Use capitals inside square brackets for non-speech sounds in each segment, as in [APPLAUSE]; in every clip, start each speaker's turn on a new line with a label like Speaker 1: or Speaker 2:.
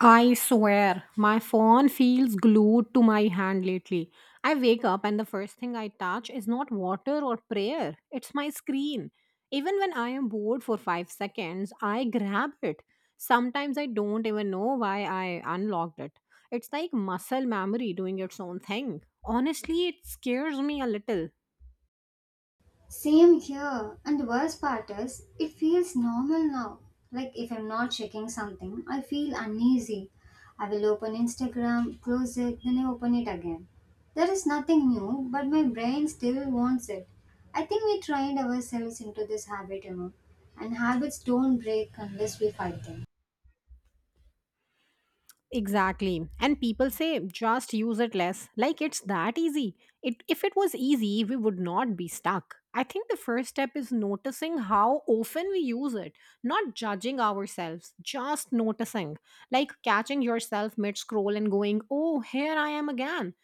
Speaker 1: I swear, my phone feels glued to my hand lately. I wake up and the first thing I touch is not water or prayer, it's my screen. Even when I am bored for 5 seconds, I grab it. Sometimes I don't even know why I unlocked it. It's like muscle memory doing its own thing. Honestly, it scares me a little.
Speaker 2: Same here. And the worst part is, it feels normal now. Like if I'm not checking something, I feel uneasy. I will open Instagram, close it, then I open it again. There is nothing new, but my brain still wants it. I think we trained ourselves into this habit. And habits don't break unless we fight them.
Speaker 1: Exactly. And people say just use it less. Like it's that easy. If it was easy, we would not be stuck. I think the first step is noticing how often we use it, not judging ourselves, just noticing. Like catching yourself mid scroll and going, oh, here I am again.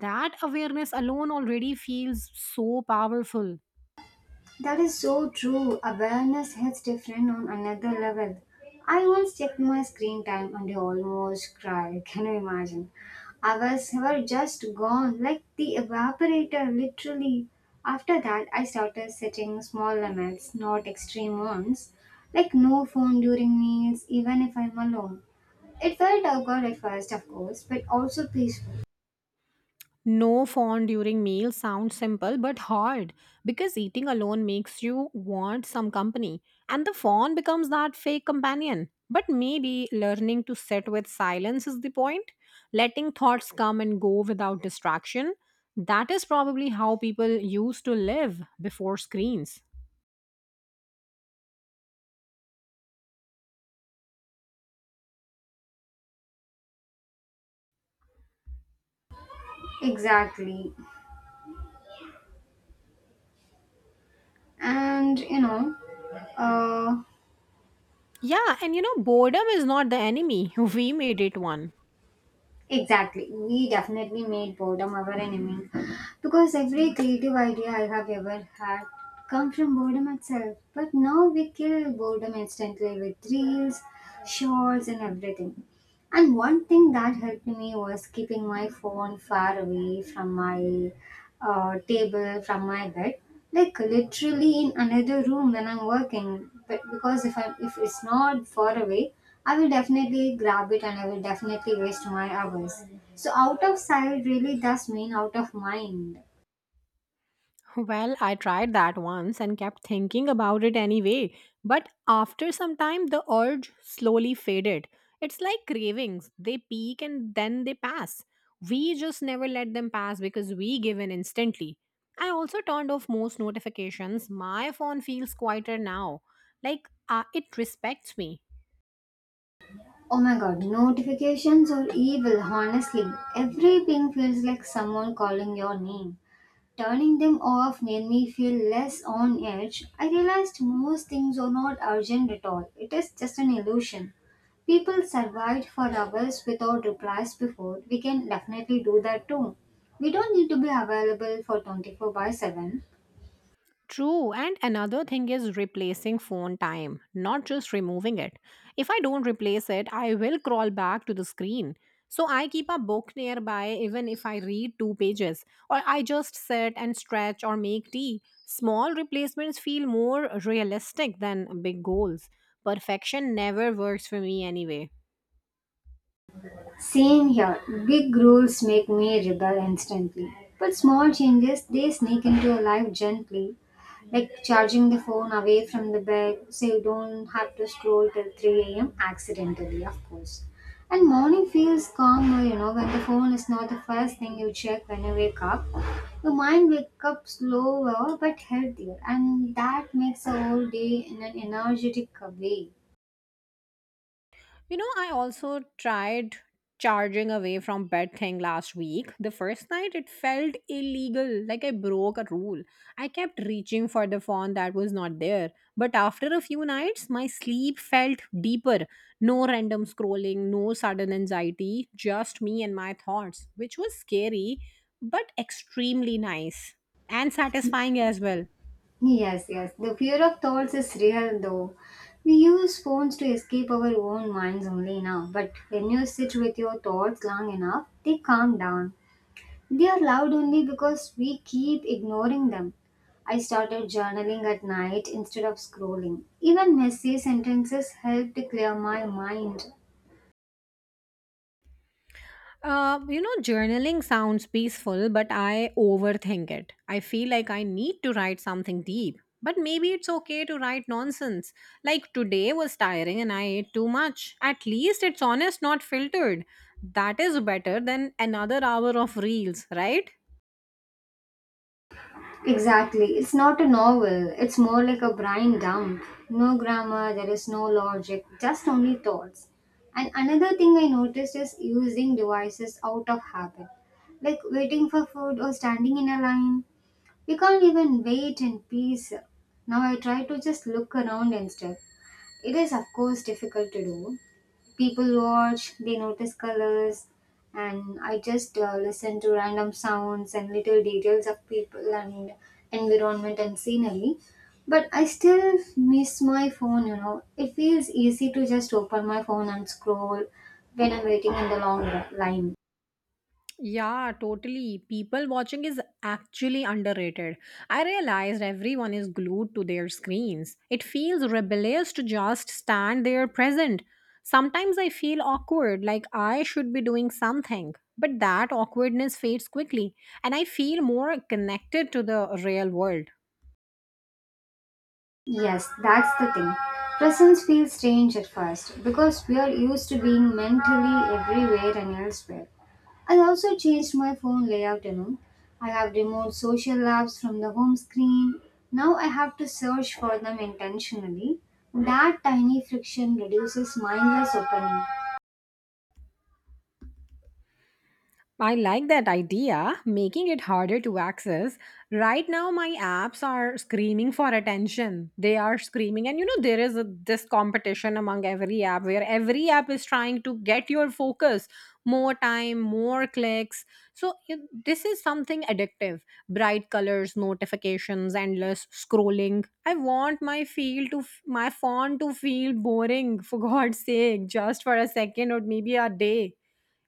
Speaker 1: That awareness alone already feels so powerful.
Speaker 2: That is so true. Awareness hits different on another level. I once checked my screen time and I almost cried. [LAUGHS] Can you imagine? Hours were just gone, like the evaporator, literally. After that, I started setting small limits, not extreme ones, like no phone during meals, even if I'm alone. It felt awkward at first, of course, but also peaceful.
Speaker 1: No phone during meals sounds simple but hard because eating alone makes you want some company, and the phone becomes that fake companion. But maybe learning to sit with silence is the point, letting thoughts come and go without distraction. That is probably how people used to live before screens.
Speaker 2: Exactly. And you know, uh,
Speaker 1: Yeah, and boredom is not the enemy. [LAUGHS] We made it one.
Speaker 2: Exactly. We definitely made boredom our enemy because every creative idea I have ever had come from boredom itself. But now we kill boredom instantly with reels, shorts and everything. And one thing that helped me was keeping my phone far away from my table, from my bed, like literally in another room when I'm working. But because if it's not far away, I will definitely grab it and I will definitely waste my hours. So out of sight really does mean out of mind.
Speaker 1: Well, I tried that once and kept thinking about it anyway, but after some time the urge slowly faded. It's like cravings, they peak and then they pass. We just never let them pass because we give in instantly. I also turned off most notifications. My phone feels quieter now. Like it respects me.
Speaker 2: Oh my god, notifications are evil, honestly. Every ping feels like someone calling your name. Turning them off made me feel less on edge. I realized most things are not urgent at all. It is just an illusion. People survived for hours without replies before. We can definitely do that too. We don't need to be available for 24/7.
Speaker 1: True, and another thing is replacing phone time, not just removing it. If I don't replace it, I will crawl back to the screen. So I keep a book nearby even if I read two pages, or I just sit and stretch or make tea. Small replacements feel more realistic than big goals. Perfection never works for me anyway.
Speaker 2: Same here. Big rules make me rebel instantly. But small changes, they sneak into your life gently. Like charging the phone away from the bed so you don't have to scroll till 3 a.m. accidentally, of course. And morning feels calmer, when the phone is not the first thing you check when you wake up. Your mind wakes up slower but healthier, and that makes the whole day in an energetic way.
Speaker 1: You know, I also tried charging away from bed thing last week. The first night it felt illegal, like I broke a rule. I kept reaching for the phone that was not there. But after a few nights, my sleep felt deeper. No random scrolling, no sudden anxiety, just me and my thoughts, which was scary but extremely nice and satisfying as well.
Speaker 2: Yes, yes. The fear of thoughts is real though. We use phones to escape our own minds only now, but when you sit with your thoughts long enough, they calm down. They are loud only because we keep ignoring them. I started journaling at night instead of scrolling. Even messy sentences help to clear my mind.
Speaker 1: Journaling sounds peaceful, but I overthink it. I feel like I need to write something deep. But maybe it's okay to write nonsense. Like today was tiring and I ate too much. At least it's honest, not filtered. That is better than another hour of reels, right?
Speaker 2: Exactly. It's not a novel. It's more like a brain dump. No grammar, there is no logic, just only thoughts. And another thing I noticed is using devices out of habit, like waiting for food or standing in a line. We can't even wait in peace. Now I try to just look around instead. It is, of course, difficult to do. People watch, they notice colors, and I just listen to random sounds and little details of people and environment and scenery. But I still miss my phone. It feels easy to just open my phone and scroll when I'm waiting in the long line.
Speaker 1: Yeah, totally. People watching is actually underrated. I realized everyone is glued to their screens. It feels rebellious to just stand there present. Sometimes I feel awkward, like I should be doing something, but that awkwardness fades quickly, and I feel more connected to the real world.
Speaker 2: Yes, that's the thing. Presence feels strange at first because we are used to being mentally everywhere and elsewhere. I also changed my phone layout. I have removed social apps from the home screen. Now I have to search for them intentionally. That tiny friction reduces mindless opening.
Speaker 1: I like that idea, making it harder to access. Right now, my apps are screaming for attention. They are screaming, and there is this competition among every app where every app is trying to get your focus more time, more clicks. So, this is something addictive, bright colors, notifications, endless scrolling. I want my my phone to feel boring, [LAUGHS] for God's sake, just for a second or maybe a day.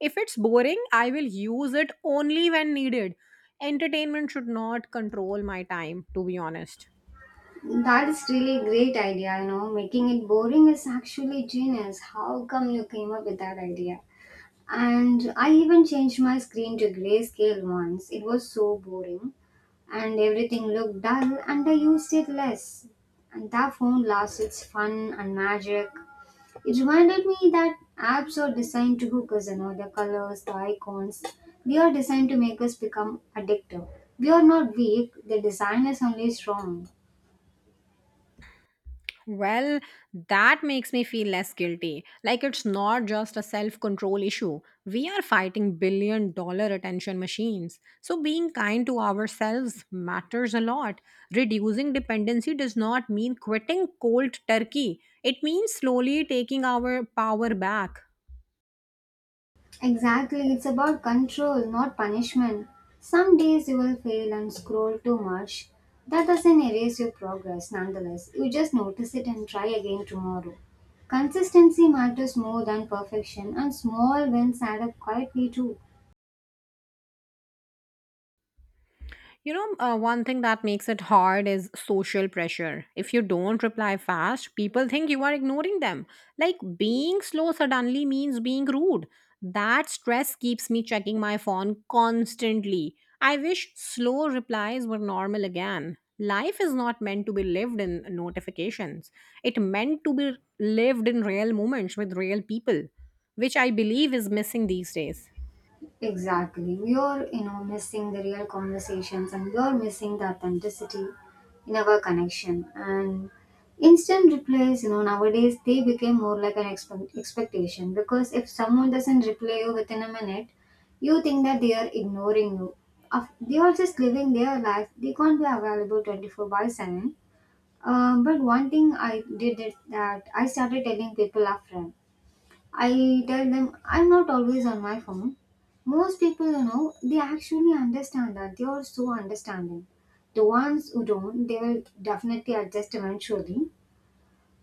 Speaker 1: If it's boring, I will use it only when needed. Entertainment should not control my time, to be honest.
Speaker 2: That is really a great idea. Making it boring is actually genius. How come you came up with that idea? And I even changed my screen to grayscale once. It was so boring, and everything looked dull and I used it less. And that phone lost its fun and magic. It reminded me that apps are designed to hook us, the colors, the icons. They are designed to make us become addictive. We are not weak, the design is only strong.
Speaker 1: Well, that makes me feel less guilty. Like it's not just a self control issue. We are fighting billion-dollar attention machines. So being kind to ourselves matters a lot. Reducing dependency does not mean quitting cold turkey, it means slowly taking our power back.
Speaker 2: Exactly, it's about control, not punishment. Some days you will fail and scroll too much. That doesn't erase your progress, nonetheless. You just notice it and try again tomorrow. Consistency matters more than perfection, and small wins add up quietly too.
Speaker 1: One thing that makes it hard is social pressure. If you don't reply fast, people think you are ignoring them. Like being slow suddenly means being rude. That stress keeps me checking my phone constantly. I wish slow replies were normal again. Life is not meant to be lived in notifications. It meant to be lived in real moments with real people, which I believe is missing these days.
Speaker 2: Exactly. We are, missing the real conversations, and we are missing the authenticity in our connection. And instant replies, nowadays they became more like an expectation, because if someone doesn't reply you within a minute, you think that they are ignoring you. They are just living their life. They can't be available 24/7. But one thing I did is that I started telling people upfront. I tell them I'm not always on my phone. Most people, they actually understand that. They are so understanding. The ones who don't, they will definitely adjust eventually.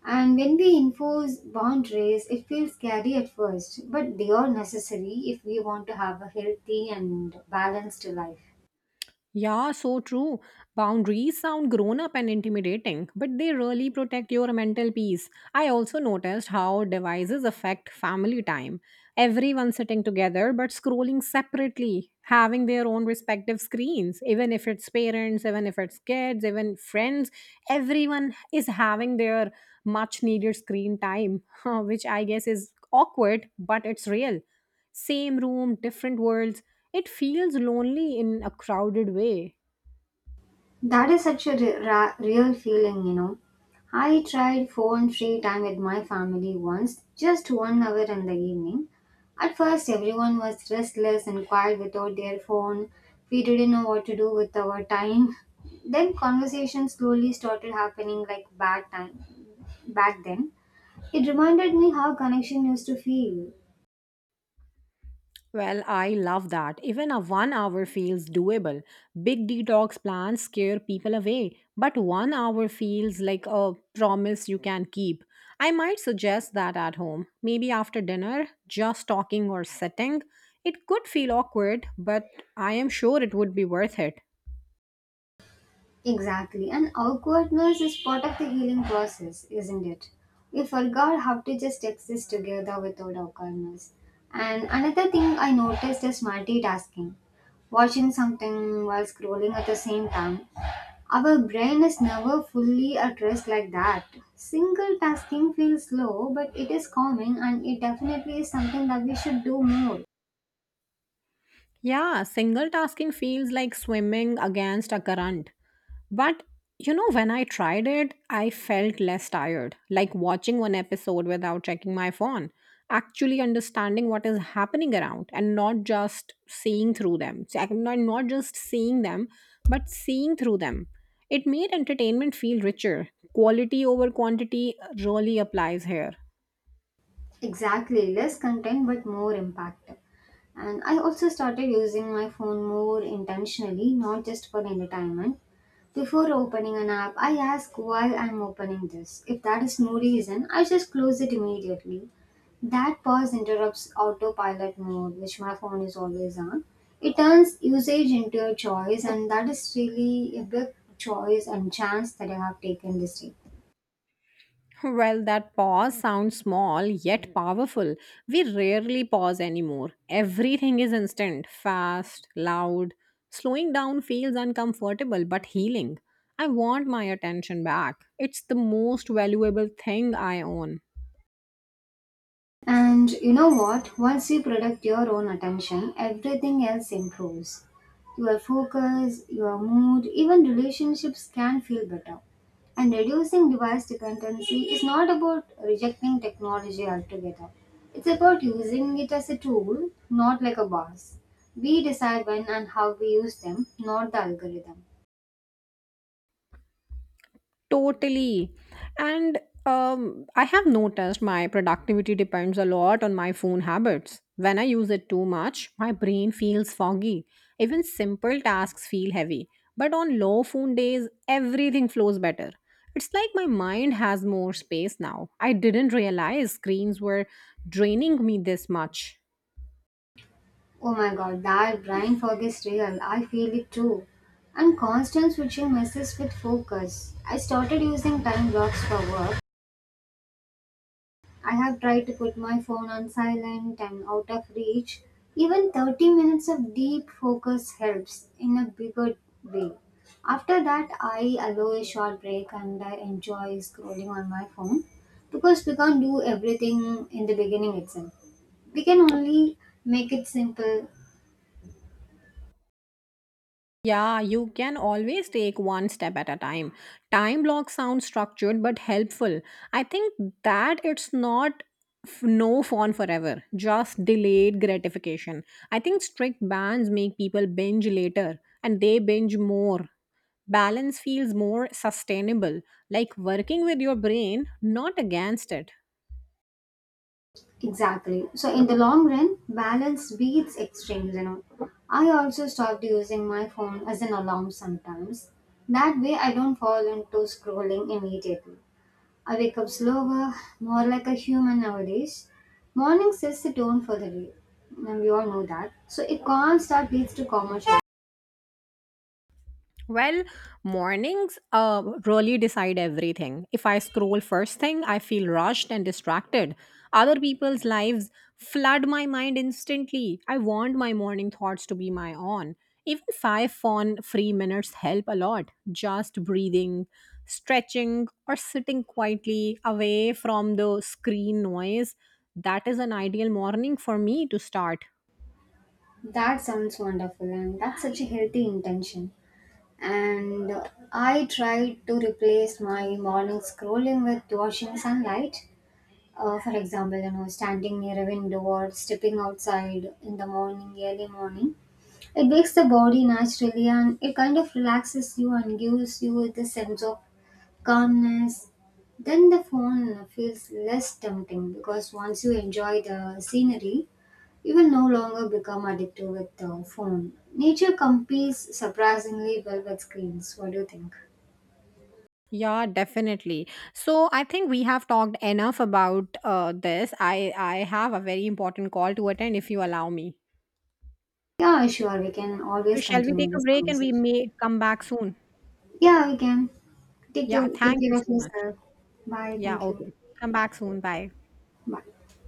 Speaker 2: And when we enforce boundaries, it feels scary at first, but they are necessary if we want to have a healthy and balanced life.
Speaker 1: Yeah, so true. Boundaries sound grown up and intimidating, but they really protect your mental peace. I also noticed how devices affect family time. Everyone sitting together but scrolling separately, having their own respective screens, even if it's parents, even if it's kids, even friends, everyone is having their much needed screen time, [LAUGHS] which I guess is awkward, but it's real. Same room, different worlds. It feels lonely in a crowded way.
Speaker 2: That is such a real feeling. I tried phone free time with my family once, just 1 hour in the evening. At first, everyone was restless and quiet without their phone. We didn't know what to do with our time. [LAUGHS] Then conversation slowly started happening, like back then. It reminded me how connection used to feel.
Speaker 1: Well, I love that. Even a 1 hour feels doable. Big detox plans scare people away, but 1 hour feels like a promise you can keep. I might suggest that at home. Maybe after dinner, just talking or sitting. It could feel awkward, but I am sure it would be worth it.
Speaker 2: Exactly, and awkwardness is part of the healing process, isn't it? We forgot how to just exist together without awkwardness. And another thing I noticed is multitasking. Watching something while scrolling at the same time. Our brain is never fully at rest like that. Single tasking feels slow, but it is calming, and it definitely is something that we should do more.
Speaker 1: Yeah, single tasking feels like swimming against a current. But when I tried it, I felt less tired, like watching one episode without checking my phone, actually understanding what is happening around and not just seeing through them. So I'm not just seeing them, but seeing through them. It made entertainment feel richer. Quality over quantity really applies here.
Speaker 2: Exactly, less content but more impact. And I also started using my phone more intentionally, not just for entertainment. Before opening an app, I ask why I'm opening this. If that is no reason, I just close it immediately. That pause interrupts autopilot mode, which my phone is always on. It turns usage into a choice, and that is really a big choice and chance that I have taken this day.
Speaker 1: Well, that pause sounds small yet powerful. We rarely pause anymore. Everything is instant, fast, loud. Slowing down feels uncomfortable but healing. I want my attention back. It's the most valuable thing I own.
Speaker 2: And you know what? Once you protect your own attention, everything else improves. Your focus, your mood, even relationships can feel better. And reducing device dependency is not about rejecting technology altogether. It's about using it as a tool, not like a boss. We decide when and how we use them, not the algorithm.
Speaker 1: Totally. And I have noticed my productivity depends a lot on my phone habits. When I use it too much, my brain feels foggy. Even simple tasks feel heavy. But on low phone days, everything flows better. It's like my mind has more space now. I didn't realize screens were draining me this much.
Speaker 2: Oh my god, that brain fog is real. I feel it too. And constant switching messes with focus. I started using time blocks for work. I have tried to put my phone on silent and out of reach. Even 30 minutes of deep focus helps in a bigger way. After that, I allow a short break and I enjoy scrolling on my phone, because we can't do everything in the beginning itself. We can only make it simple.
Speaker 1: Yeah, you can always take one step at a time. Time block sounds structured but helpful. I think that it's not no phone forever, just delayed gratification. I think strict bans make people binge later and they binge more. Balance feels more sustainable, like working with your brain, not against it.
Speaker 2: Exactly. So in the long run, balance beats extremes. I also stopped using my phone as an alarm sometimes. That way I don't fall into scrolling immediately. I wake up slower, more like a human nowadays. Morning sets the tone for the day. And we all know that. So a calm start leads to calmer shore.
Speaker 1: Well, mornings really decide everything. If I scroll first thing, I feel rushed and distracted. Other people's lives flood my mind instantly. I want my morning thoughts to be my own. Even 5 fun free minutes help a lot. Just breathing, stretching, or sitting quietly away from the screen noise. That is an ideal morning for me to start.
Speaker 2: That sounds wonderful, and that's such a healthy intention. And I tried to replace my morning scrolling with watching sunlight. For example, standing near a window or stepping outside in the morning, early morning, it wakes the body naturally and it kind of relaxes you and gives you the sense of calmness. Then the phone feels less tempting, because once you enjoy the scenery, you will no longer become addicted with the phone. Nature competes surprisingly well with screens. What do you think?
Speaker 1: Yeah, definitely. So I think we have talked enough about this. I have a very important call to attend if you allow me.
Speaker 2: Yeah, sure. We can
Speaker 1: So
Speaker 2: always
Speaker 1: shall we take
Speaker 2: continue
Speaker 1: a
Speaker 2: this
Speaker 1: break and we
Speaker 2: conversation.
Speaker 1: may come back soon?
Speaker 2: Yeah, we can.
Speaker 1: Yeah,
Speaker 2: Take
Speaker 1: thank you
Speaker 2: care of
Speaker 1: so much.
Speaker 2: yourself. Bye.
Speaker 1: Yeah,
Speaker 2: Thank you.
Speaker 1: okay. Come back soon. Bye.
Speaker 2: Bye.